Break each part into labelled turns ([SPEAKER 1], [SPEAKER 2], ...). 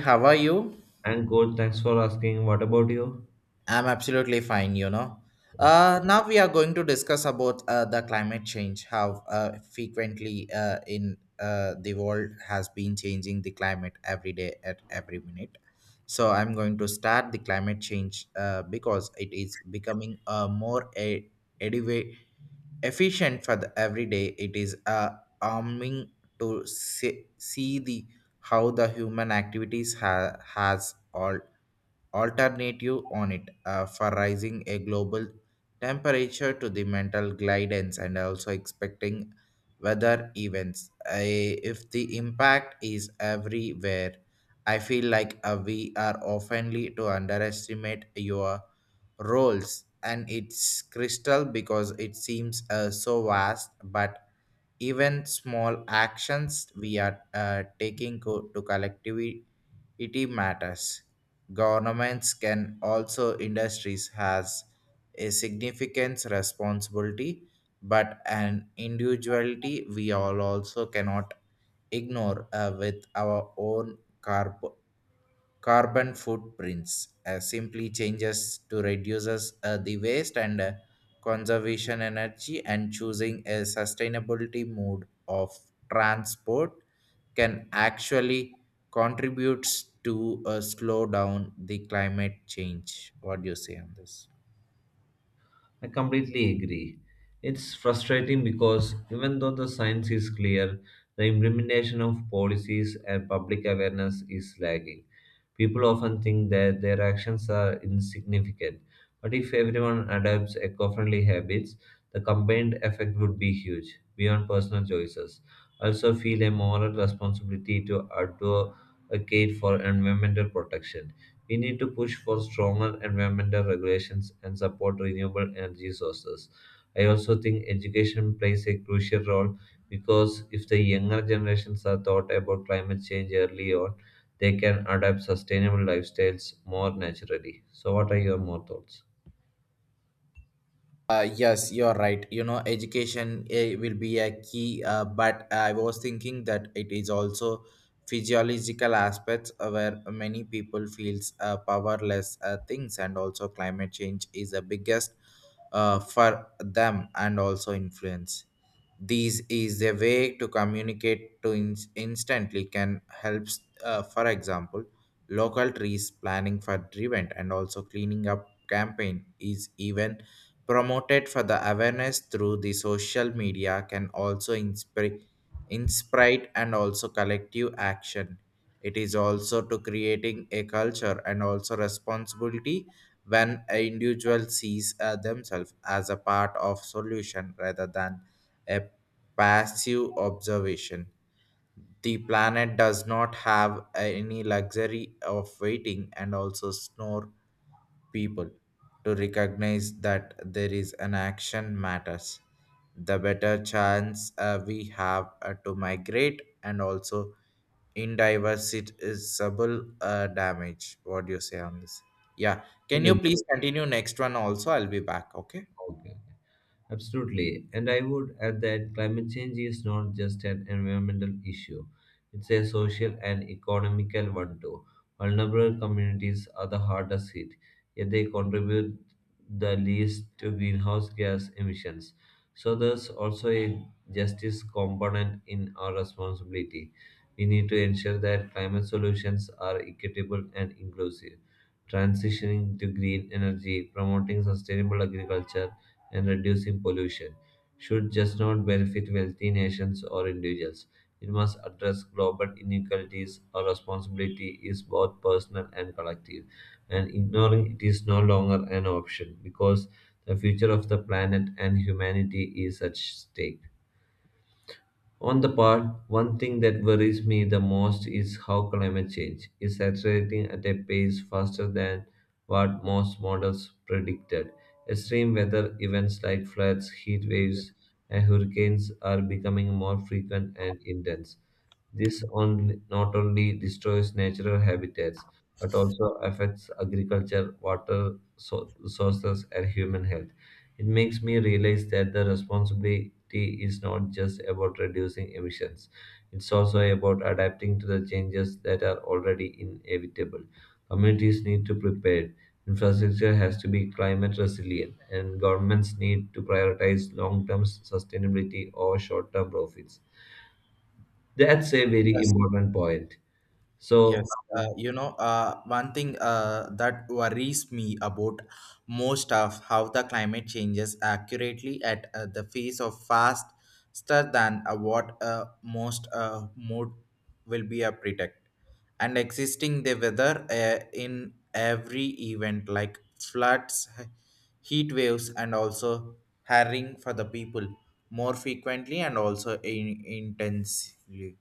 [SPEAKER 1] How are you?
[SPEAKER 2] And good, thanks for asking. What about you?
[SPEAKER 1] I'm absolutely fine, you know. Now we are going to discuss about the climate change, how frequently in the world has been changing the climate every day at every minute. So I'm going to start the climate change because it is becoming more a, ediva- efficient for the everyday. It is arming to see the how the human activities has all alternative on it for rising a global temperature to the mental guidance and also expecting weather events. If the impact is everywhere, I feel like we are oftenly to underestimate your roles and its crystal because it seems so vast, but even small actions we are taking to collectively it matters. Governments can also industries has a significant responsibility, but an individuality we all also cannot ignore with our own carbon footprints, simply changes to reduces the waste and conservation energy and choosing a sustainability mode of transport can actually contributes to slow down the climate change. What do you say on this?
[SPEAKER 2] I completely agree. It's frustrating because even though the science is clear, the implementation of policies and public awareness is lagging. People often think that their actions are insignificant, but if everyone adopts eco friendly habits, the combined effect would be huge, beyond personal choices. I also feel a moral responsibility to advocate for environmental protection. We need to push for stronger environmental regulations and support renewable energy sources. I also think education plays a crucial role because if the younger generations are taught about climate change early on, they can adapt sustainable lifestyles more naturally. So, what are your more thoughts?
[SPEAKER 1] Yes, you're right. You know, education eh, will be a key, but I was thinking that it is also physiological aspects where many people feels powerless things and also climate change is the biggest for them and also influence. This is a way to communicate to instantly can help, for example, local trees planning for event and also cleaning up campaign is even promoted for the awareness through the social media can also inspire and also collective action, it is also to creating a culture and also responsibility when an individual sees themselves as a part of solution rather than a passive observation. The planet does not have any luxury of waiting and also snore people to recognize that there is an action matters, the better chance we have to migrate and also in diversity damage. What do you say on this? Yeah. Can you
[SPEAKER 2] William,
[SPEAKER 1] please continue next one also? I'll be back. Okay.
[SPEAKER 2] okay. Absolutely. And I would add that climate change is not just an environmental issue, it's a social and economical one too. Vulnerable communities are the hardest hit, yet they contribute the least to greenhouse gas emissions. So there's also a justice component in our responsibility. We need to ensure that climate solutions are equitable and inclusive, transitioning to green energy, promoting sustainable agriculture, and reducing pollution should just not benefit wealthy nations or individuals. It must address global inequalities. Our responsibility is both personal and collective, and ignoring it is no longer an option because the future of the planet and humanity is at stake. On the part, one thing that worries me the most is how climate change is accelerating at a pace faster than what most models predicted. Extreme weather events like floods, heat waves, and hurricanes are becoming more frequent and intense. This on, not only destroys natural habitats but also affects agriculture, water sources, and human health. It makes me realize that the responsibility is not just about reducing emissions. It's also about adapting to the changes that are already inevitable. Communities need to prepare, infrastructure has to be climate resilient, and governments need to prioritize long term sustainability over short term profits. That's a very
[SPEAKER 1] Yes.
[SPEAKER 2] important point. So,
[SPEAKER 1] Yes, you know, one thing that worries me about most of how the climate changes accurately at the face of faster than what most mode will be a predict and existing the weather in every event like floods, heat waves, and also hiring for the people more frequently and also intensely.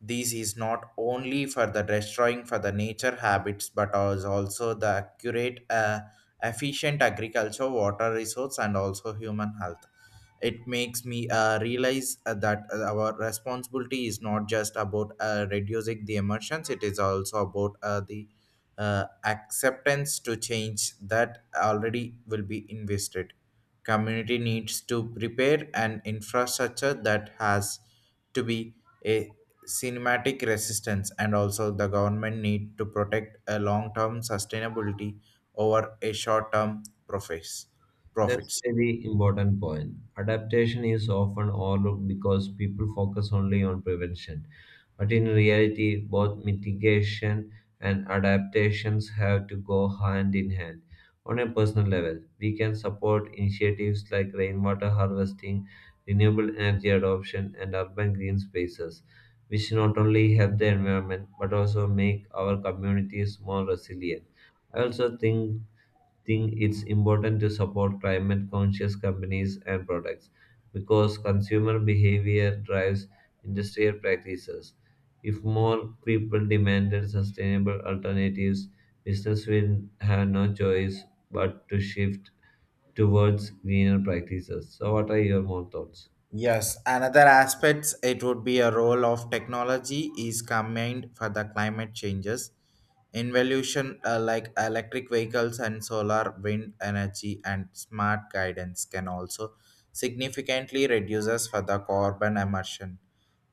[SPEAKER 1] This is not only for the destroying for the nature habits, but is also the accurate, efficient agriculture, water resource, and also human health. It makes me realize that our responsibility is not just about reducing the emissions, it is also about the acceptance to change that already will be invested. Community needs to prepare an infrastructure that has to be a cinematic resistance, and also the government need to protect a long-term sustainability over a short-term profits
[SPEAKER 2] that's
[SPEAKER 1] profits.
[SPEAKER 2] a very important point. Adaptation is often overlooked because people focus only on prevention. But in reality, both mitigation and adaptations have to go hand in hand. On a personal level, we can support initiatives like rainwater harvesting, renewable energy adoption, and urban green spaces, which not only help the environment but also make our communities more resilient. I also think it's important to support climate conscious companies and products because consumer behavior drives industrial practices. If more people demanded sustainable alternatives, business will have no choice but to shift towards greener practices. So, what are your more thoughts?
[SPEAKER 1] Yes, another aspects it would be a role of technology is combined for the climate changes. Involution like electric vehicles and solar wind energy and smart guidance can also significantly reduces for the carbon emission.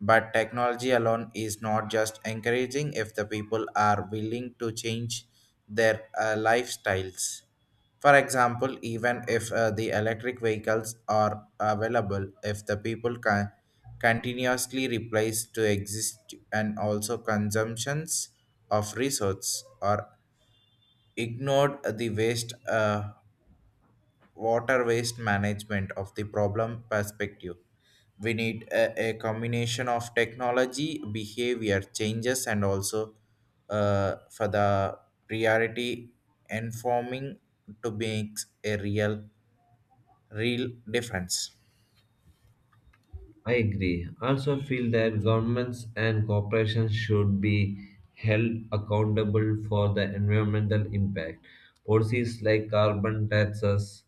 [SPEAKER 1] But technology alone is not just encouraging if the people are willing to change their lifestyles. For example, even if the electric vehicles are available, if the people can continuously replace to exist and also consumptions of resource are ignored the waste, water waste management of the problem perspective, we need a combination of technology behavior changes and also for the priority informing to make a real difference.
[SPEAKER 2] I agree. Also feel that governments and corporations should be held accountable for the environmental impact. Policies like carbon taxes,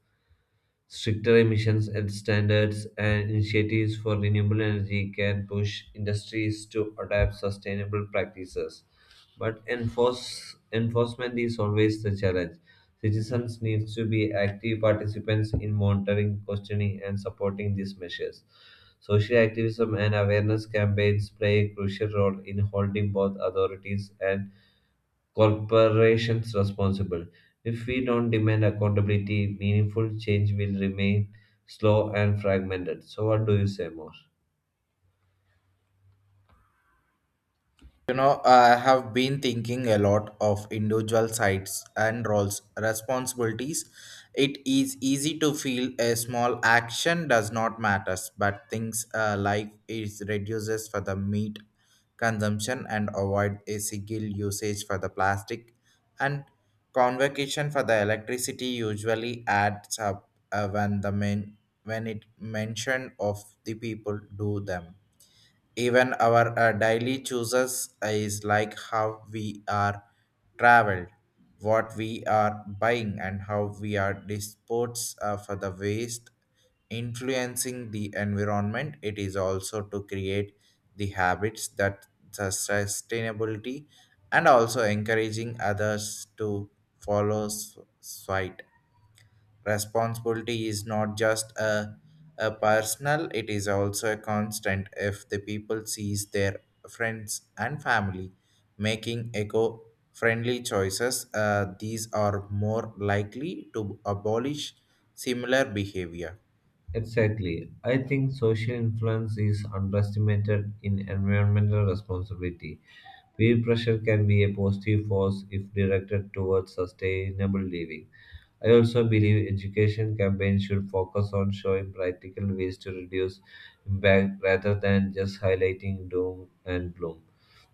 [SPEAKER 2] stricter emissions and standards, and initiatives for renewable energy can push industries to adopt sustainable practices. But enforcement is always the challenge. Citizens need to be active participants in monitoring, questioning, and supporting these measures. Social activism and awareness campaigns play a crucial role in holding both authorities and corporations responsible. If we don't demand accountability, meaningful change will remain slow and fragmented. So, what do you say more?
[SPEAKER 1] You know, I have been thinking a lot of individual sides and roles, responsibilities. It is easy to feel a small action does not matters, but things like it reduces for the meat consumption and avoid a single usage for the plastic and convocation for the electricity usually adds up when the men when it mention of the people do them. Even our daily choices is like how we are traveled, what we are buying, and how we are disposed for the waste, influencing the environment. It is also to create the habits that the sustainability and also encouraging others to follow suit. Responsibility is not just a personal, it is also a constant if the people sees their friends and family making eco friendly choices, these are more likely to abolish similar behavior.
[SPEAKER 2] Exactly. I think social influence is underestimated in environmental responsibility. Peer pressure can be a positive force if directed towards sustainable living. I also believe education campaigns should focus on showing practical ways to reduce impact rather than just highlighting doom and gloom.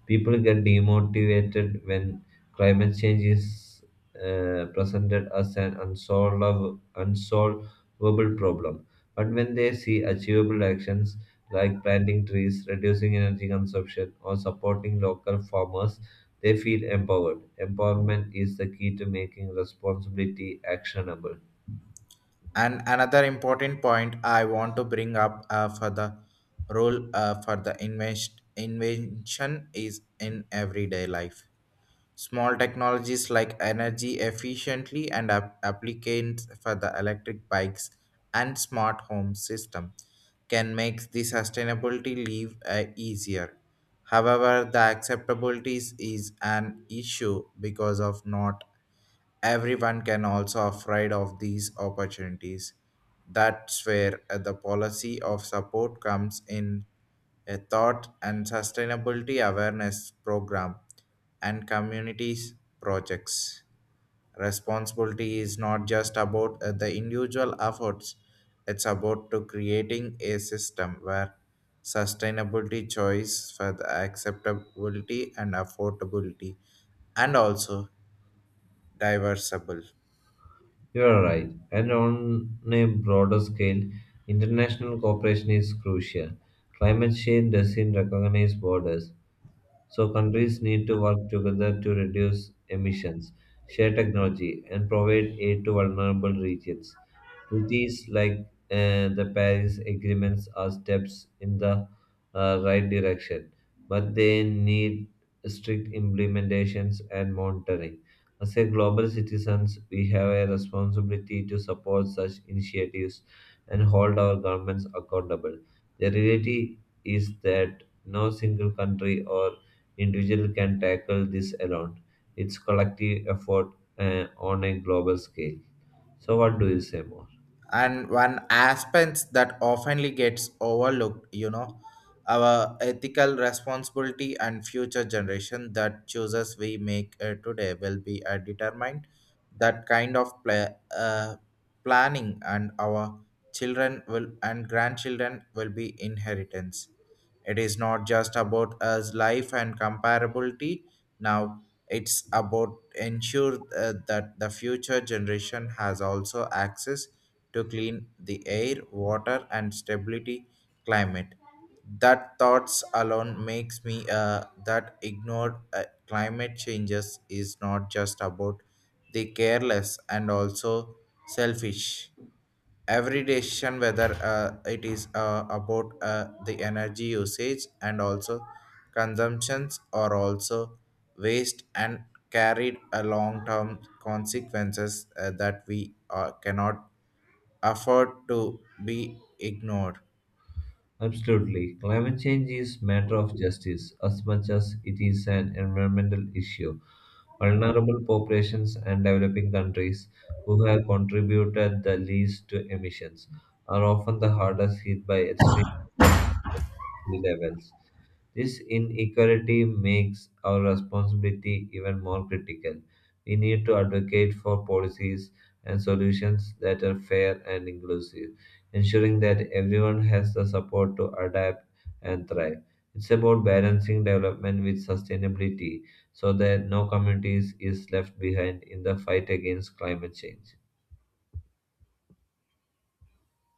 [SPEAKER 2] People get demotivated when climate change is presented as an unsolvable problem. But when they see achievable actions like planting trees, reducing energy consumption, or supporting local farmers, they feel empowered. Empowerment is the key to making responsibility actionable.
[SPEAKER 1] And another important point I want to bring up for the role for the invention is in everyday life. Small technologies like energy efficiently and applicants for the electric bikes and smart home system can make the sustainability live easier. However, the acceptability is an issue because of not everyone can also afraid of these opportunities. That's where the policy of support comes in, a thought and sustainability awareness program and communities projects. Responsibility is not just about the individual efforts, it's about to creating a system where sustainability choice for the acceptability and affordability and also diversable.
[SPEAKER 2] You are right. And on a broader scale, international cooperation is crucial. Climate change doesn't recognize borders. So countries need to work together to reduce emissions, share technology, and provide aid to vulnerable regions. Treaties like the Paris agreements are steps in the right direction, but they need strict implementations and monitoring. As a global citizens, we have a responsibility to support such initiatives and hold our governments accountable. The reality is that no single country or individual can tackle this alone. It's collective effort on a global scale. So what do you say more?
[SPEAKER 1] And one aspect that oftenly gets overlooked, you know, our ethical responsibility and future generation that chooses we make today will be determined that kind of planning, and our children will and grandchildren will be inheritance. It is not just about us life and comparability now, it's about ensure that the future generation has also access to clean the air, water, and stability climate. That thoughts alone makes me that ignored climate changes is not just about the careless and also selfish. Every decision, whether it is about the energy usage and also consumptions, or also waste and carried a long-term consequences that we cannot afford to be ignored.
[SPEAKER 2] Absolutely. Climate change is matter of justice as much as it is an environmental issue. Vulnerable populations and developing countries who have contributed the least to emissions are often the hardest hit by extreme weather and sea levels. This inequality makes our responsibility even more critical. We need to advocate for policies and solutions that are fair and inclusive, ensuring that everyone has the support to adapt and thrive. It's about balancing development with sustainability so that no communities is left behind in the fight against climate change.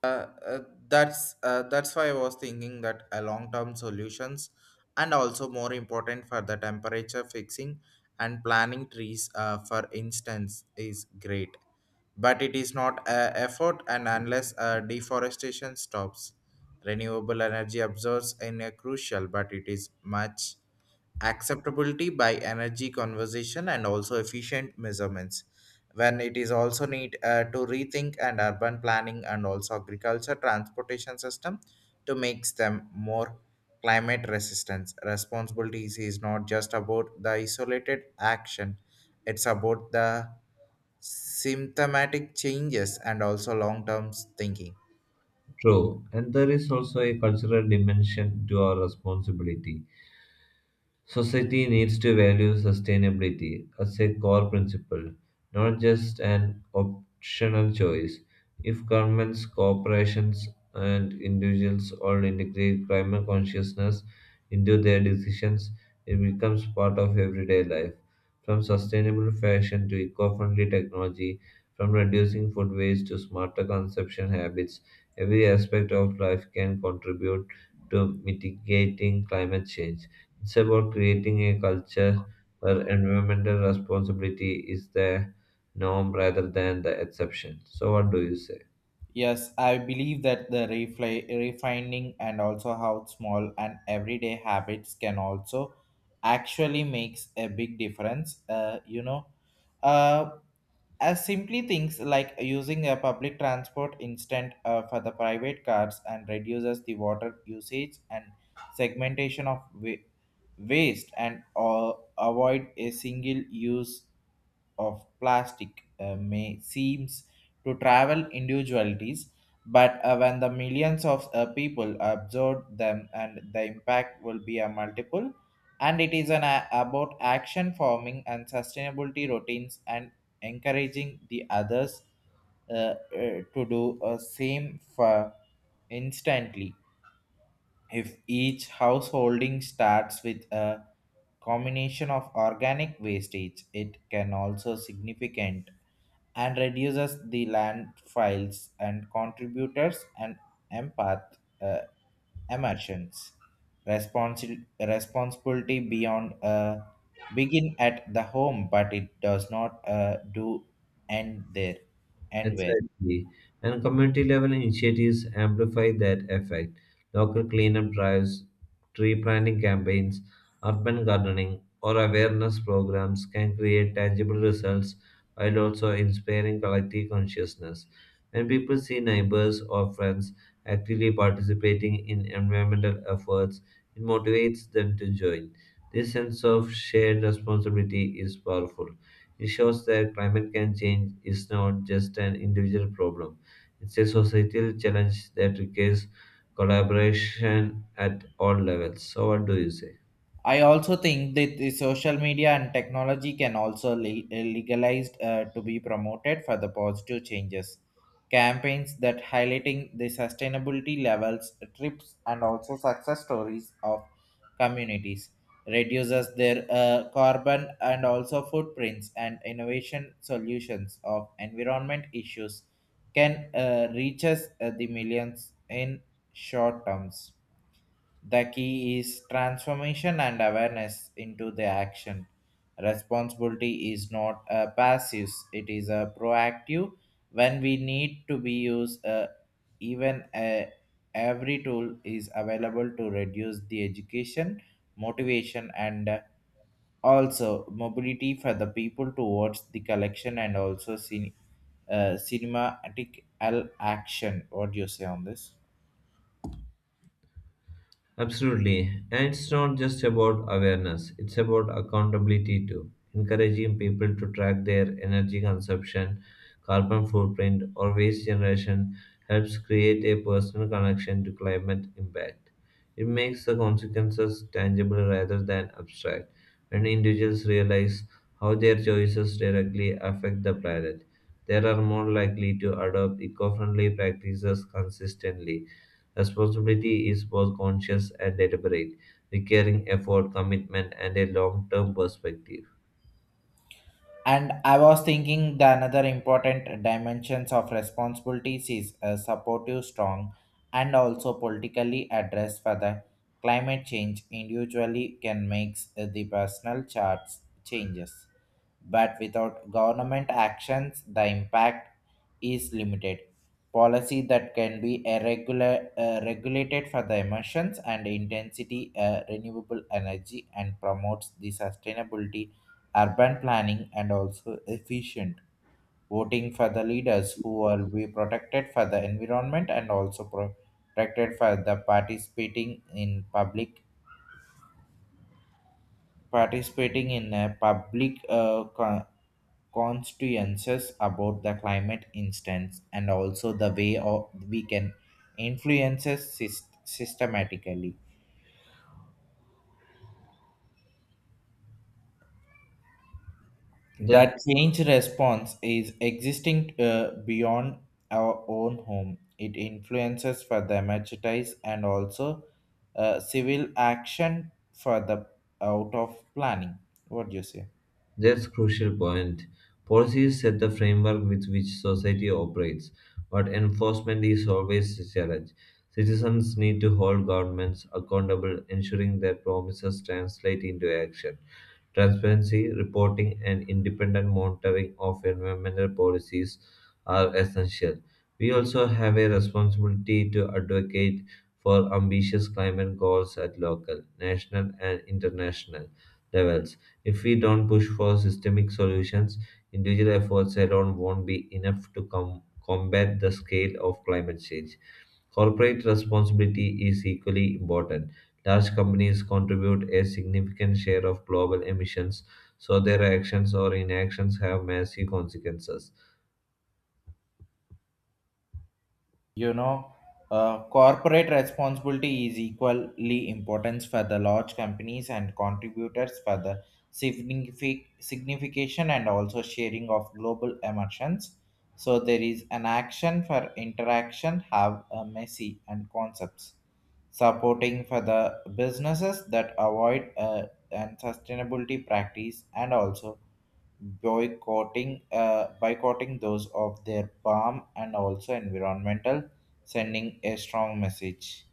[SPEAKER 1] uh, uh, that's why I was thinking that a long-term solutions and also more important for the temperature fixing and planning trees, for instance, is great, but it is not a effort and unless deforestation stops, renewable energy absorbs in a crucial, but it is much acceptability by energy conservation and also efficient measurements. When it is also need to rethink and urban planning and also agriculture transportation system to make them more climate resistance, responsibilities is not just about the isolated action, it's about the symptomatic changes and also long term thinking.
[SPEAKER 2] True, and there is also a cultural dimension to our responsibility. Society needs to value sustainability as a core principle, not just an optional choice. If governments, corporations, and individuals all integrate climate consciousness into their decisions, it becomes part of everyday life. From sustainable fashion to eco friendly technology, from reducing food waste to smarter consumption habits, every aspect of life can contribute to mitigating climate change. It's about creating a culture where environmental responsibility is the norm rather than the exception. So, what do you say?
[SPEAKER 1] Yes, I believe that the refining and also how small and everyday habits can also actually makes a big difference. You know, uh, as simply things like using a public transport instead for the private cars and reduces the water usage and segmentation of waste and, avoid a single use of plastic may seems to travel individualities, but when the millions of people absorb them, and the impact will be a multiple. And it is an about action forming and sustainability routines and encouraging the others, uh, uh, to do a same for instantly. If each householding starts with a combination of organic wastage, it can also significant and reduces the landfills and contributors and empath, uh, emergence. Responsibility beyond begin at the home, but it does not do end there and where.
[SPEAKER 2] Exactly. And community level initiatives amplify that effect. Local cleanup drives, tree planting campaigns, urban gardening, or awareness programs can create tangible results while also inspiring collective consciousness. When people see neighbors or friends actively participating in environmental efforts, it motivates them to join. This sense of shared responsibility is powerful. It shows that climate can change is not just an individual problem. It's a societal challenge that requires collaboration at all levels. So what do you say?
[SPEAKER 1] I also think that the social media and technology can also legalized to be promoted for the positive changes. Campaigns that highlighting the sustainability levels, trips, and also success stories of communities reduces their carbon and also footprints and innovation solutions of environment issues can reaches the millions in short terms. The key is transformation and awareness into the action. Responsibility is not a passive, it is a proactive when we need to be used, even every tool is available to reduce the education, motivation and, also mobility for the people towards the collection and also cinematic action. What do you say on this?
[SPEAKER 2] Absolutely. And it's not just about awareness, it's about accountability too. Encouraging people to track their energy consumption, carbon footprint, or waste generation helps create a personal connection to climate impact. It makes the consequences tangible rather than abstract. When individuals realize how their choices directly affect the planet, they are more likely to adopt eco friendly practices consistently. Responsibility is both conscious and deliberate, requiring effort, commitment, and a long term perspective.
[SPEAKER 1] And I was thinking the another important dimensions of responsibilities is a supportive, strong, and also politically address for the climate change, individually can make the personal charts changes. But without government actions, the impact is limited. Policy that can be regulated for the emissions and intensity, renewable energy, and promotes the sustainability, urban planning, and also efficient voting for the leaders who will be protected for the environment and also protected for the participating in a public consciences about the climate instance, and also the way of we can influences systematically
[SPEAKER 2] Just
[SPEAKER 1] that change response is existing beyond our own home. It influences for the democratize and also civil action for the out of planning. What do you say?
[SPEAKER 2] that's crucial point. Policies set the framework with which society operates, but enforcement is always a challenge. Citizens need to hold governments accountable, ensuring that promises translate into action. Transparency, reporting, and independent monitoring of environmental policies are essential. We also have a responsibility to advocate for ambitious climate goals at local, national, and international levels. If we don't push for systemic solutions, individual efforts alone won't be enough to combat the scale of climate change. Corporate responsibility is equally important. Large companies contribute a significant share of global emissions, so their actions or inactions have massive consequences.
[SPEAKER 1] You know, corporate responsibility is equally important for the large companies and contributors for the signification and also sharing of global emissions. So there is an action for interaction have a messy and concepts supporting for the businesses that avoid and sustainability practice and also boycotting boycotting those of their palm and also environmental sending a strong message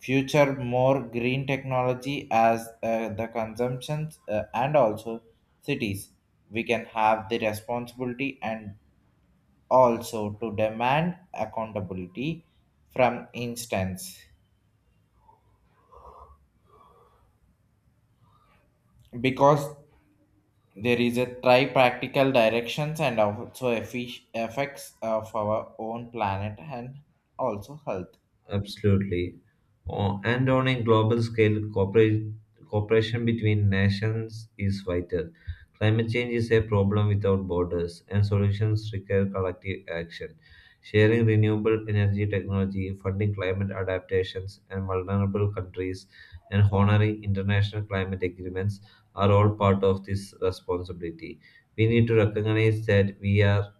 [SPEAKER 1] future more green technology as the consumptions and also cities we can have the responsibility and also to demand accountability from instance because there is a try practical directions and also effi effects of our own planet and also health.
[SPEAKER 2] Absolutely. And on a global scale, cooperation between nations is vital. Climate change is a problem without borders, and solutions require collective action. Sharing renewable energy technology, funding climate adaptations and vulnerable countries, and honoring international climate agreements are all part of this responsibility. We need to recognize that we are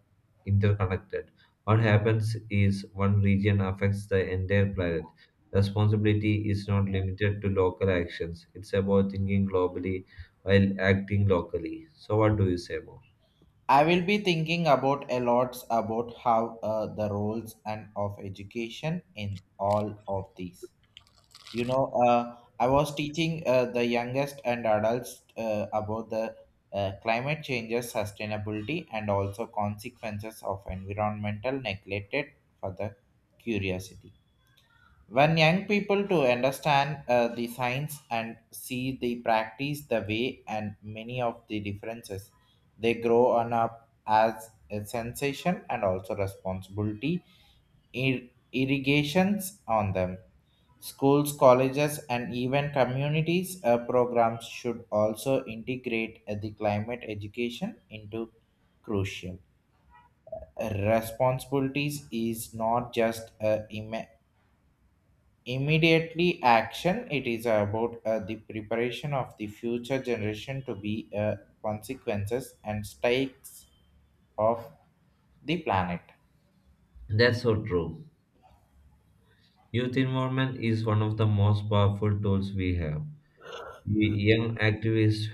[SPEAKER 2] interconnected, what happens is one region affects the entire planet. Responsibility is not limited to local actions, it's about thinking globally while acting locally. So, what do you say more?
[SPEAKER 1] I will be thinking about a lot about how the roles and of education in all of these. I was teaching the youngest and adults about the climate changes, sustainability, and also consequences of environmental neglected for the curiosity. When young people to understand the science and see the practice the way and many of the differences, they grow on up as a sensation and also responsibility ir- irrigations on them. Schools, colleges, and even communities programs should also integrate the climate education into crucial responsibilities is not just immediately action. It is about the preparation of the future generation to be consequences and stakes of the planet.
[SPEAKER 2] That's so true. Youth involvement is one of the most powerful tools we have. Young activists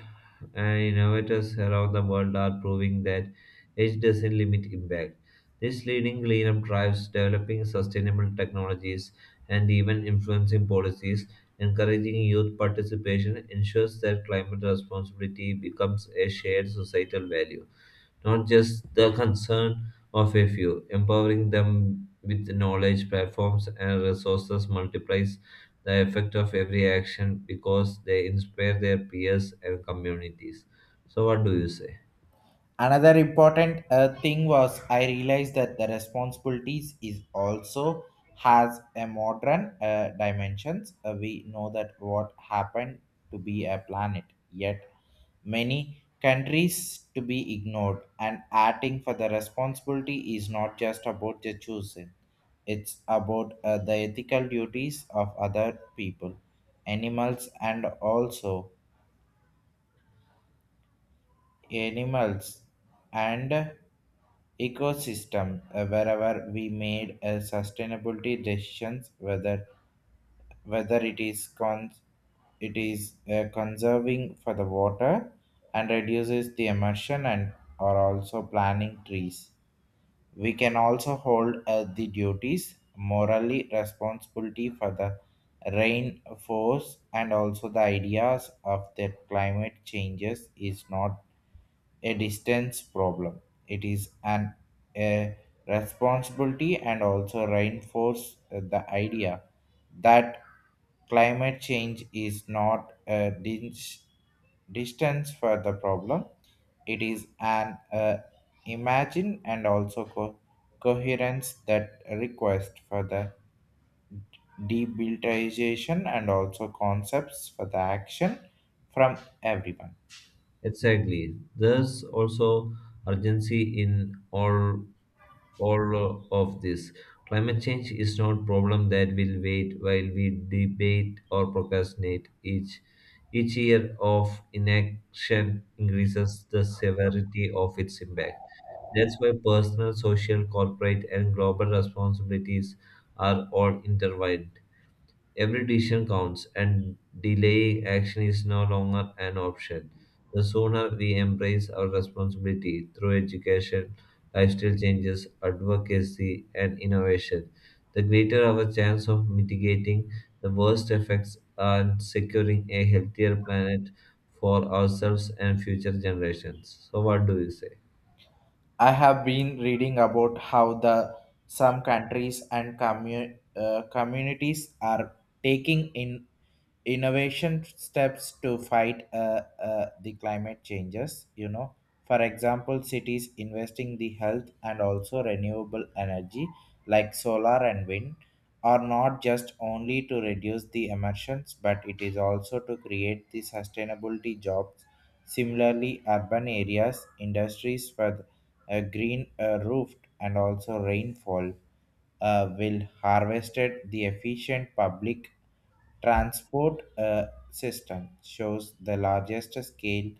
[SPEAKER 2] and innovators around the world are proving that age doesn't limit impact. This leading cleanup drives developing sustainable technologies and even influencing policies, encouraging youth participation ensures that climate responsibility becomes a shared societal value, not just the concern of a few. Empowering them with knowledge, platforms, and resources multiplies the effect of every action because they inspire their peers and communities. So, what do you say?
[SPEAKER 1] Another important thing was I realized that the responsibilities is also has a modern dimensions. We know that what happened to be a planet, yet many countries to be ignored and acting for the responsibility is not just about the choosing. It's about the ethical duties of other people, animals, and also animals and ecosystem wherever we made sustainability decisions whether it is conserving for the water and reduces the emission and are also planting trees. We can also hold the duties morally responsibility for the rain force and also the ideas of that climate changes is not a distance problem. It is an a responsibility and also reinforce the idea that climate change is not distance for the problem. It is an imagine and also coherence that request for the debilitization and also concepts for the action from everyone.
[SPEAKER 2] Exactly. There's also urgency in all of this. Climate change is not a problem that will wait while we debate or procrastinate. Each year of inaction increases the severity of its impact. That's why personal, social, corporate, and global responsibilities are all intertwined. Every decision counts, and delaying action is no longer an option. The sooner we embrace our responsibility through education, lifestyle changes, advocacy, and innovation, the greater our chance of mitigating the worst effects and securing a healthier planet for ourselves and future generations. So, what do you say?
[SPEAKER 1] I have been reading about how the some countries and communities are taking in innovation steps to fight the climate changes. You know, for example, cities investing the health and also renewable energy like solar and wind are not just only to reduce the emissions, but it is also to create the sustainability jobs. Similarly, urban areas, industries for a green roofed and also rainfall will harvested the efficient public transport system shows the largest scale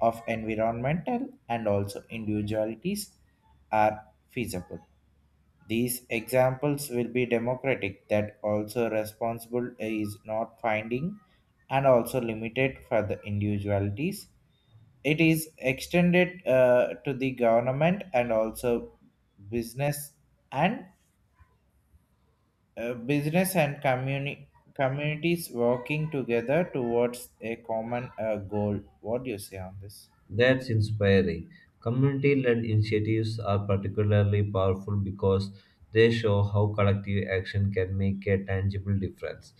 [SPEAKER 1] of environmental and also individualities are feasible. These examples will be democratic that also responsible is not finding and also limited for the individualities. It is extended to the government and also business and uh, business and communi- communities working together towards a common goal. What do you say on this?
[SPEAKER 2] That's inspiring. Community led initiatives are particularly powerful because they show how collective action can make a tangible difference.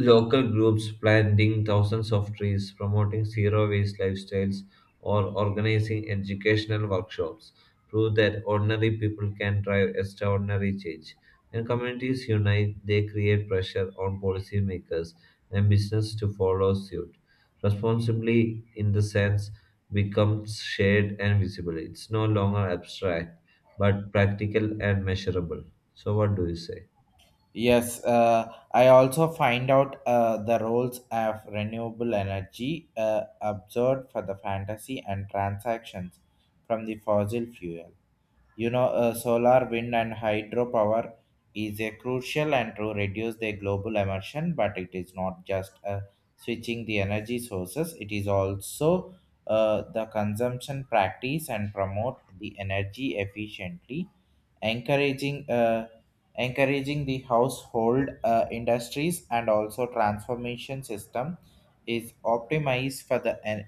[SPEAKER 2] Local groups planting thousands of trees, promoting zero waste lifestyles, or organizing educational workshops prove that ordinary people can drive extraordinary change. When communities unite, they create pressure on policymakers and business to follow suit. Responsibly, in the sense, becomes shared and visible. It's no longer abstract, but practical and measurable. So, what do you say?
[SPEAKER 1] Yes, I also find out the roles of renewable energy observed for the fantasy and transactions from the fossil fuel. You know, solar, wind, and hydropower is a crucial and to reduce the global emission, but it is not just switching the energy sources. It is also the consumption practice and promote the energy efficiently, encouraging uh, encouraging the household industries and also transformation system is optimized for the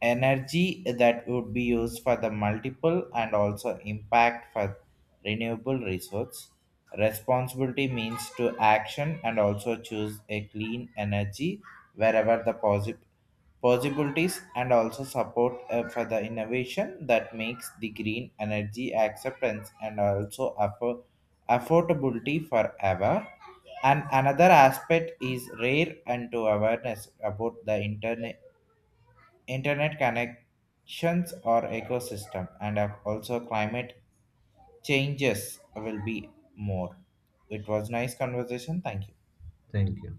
[SPEAKER 1] energy that would be used for the multiple and also impact for renewable resource responsibility means to action and also choose a clean energy wherever the possibilities and also support for the innovation that makes the green energy acceptance and also affordability forever. And another aspect is rare and to awareness about the internet connections or ecosystem and of also climate changes will be more. It was nice conversation. Thank you.
[SPEAKER 2] Thank you.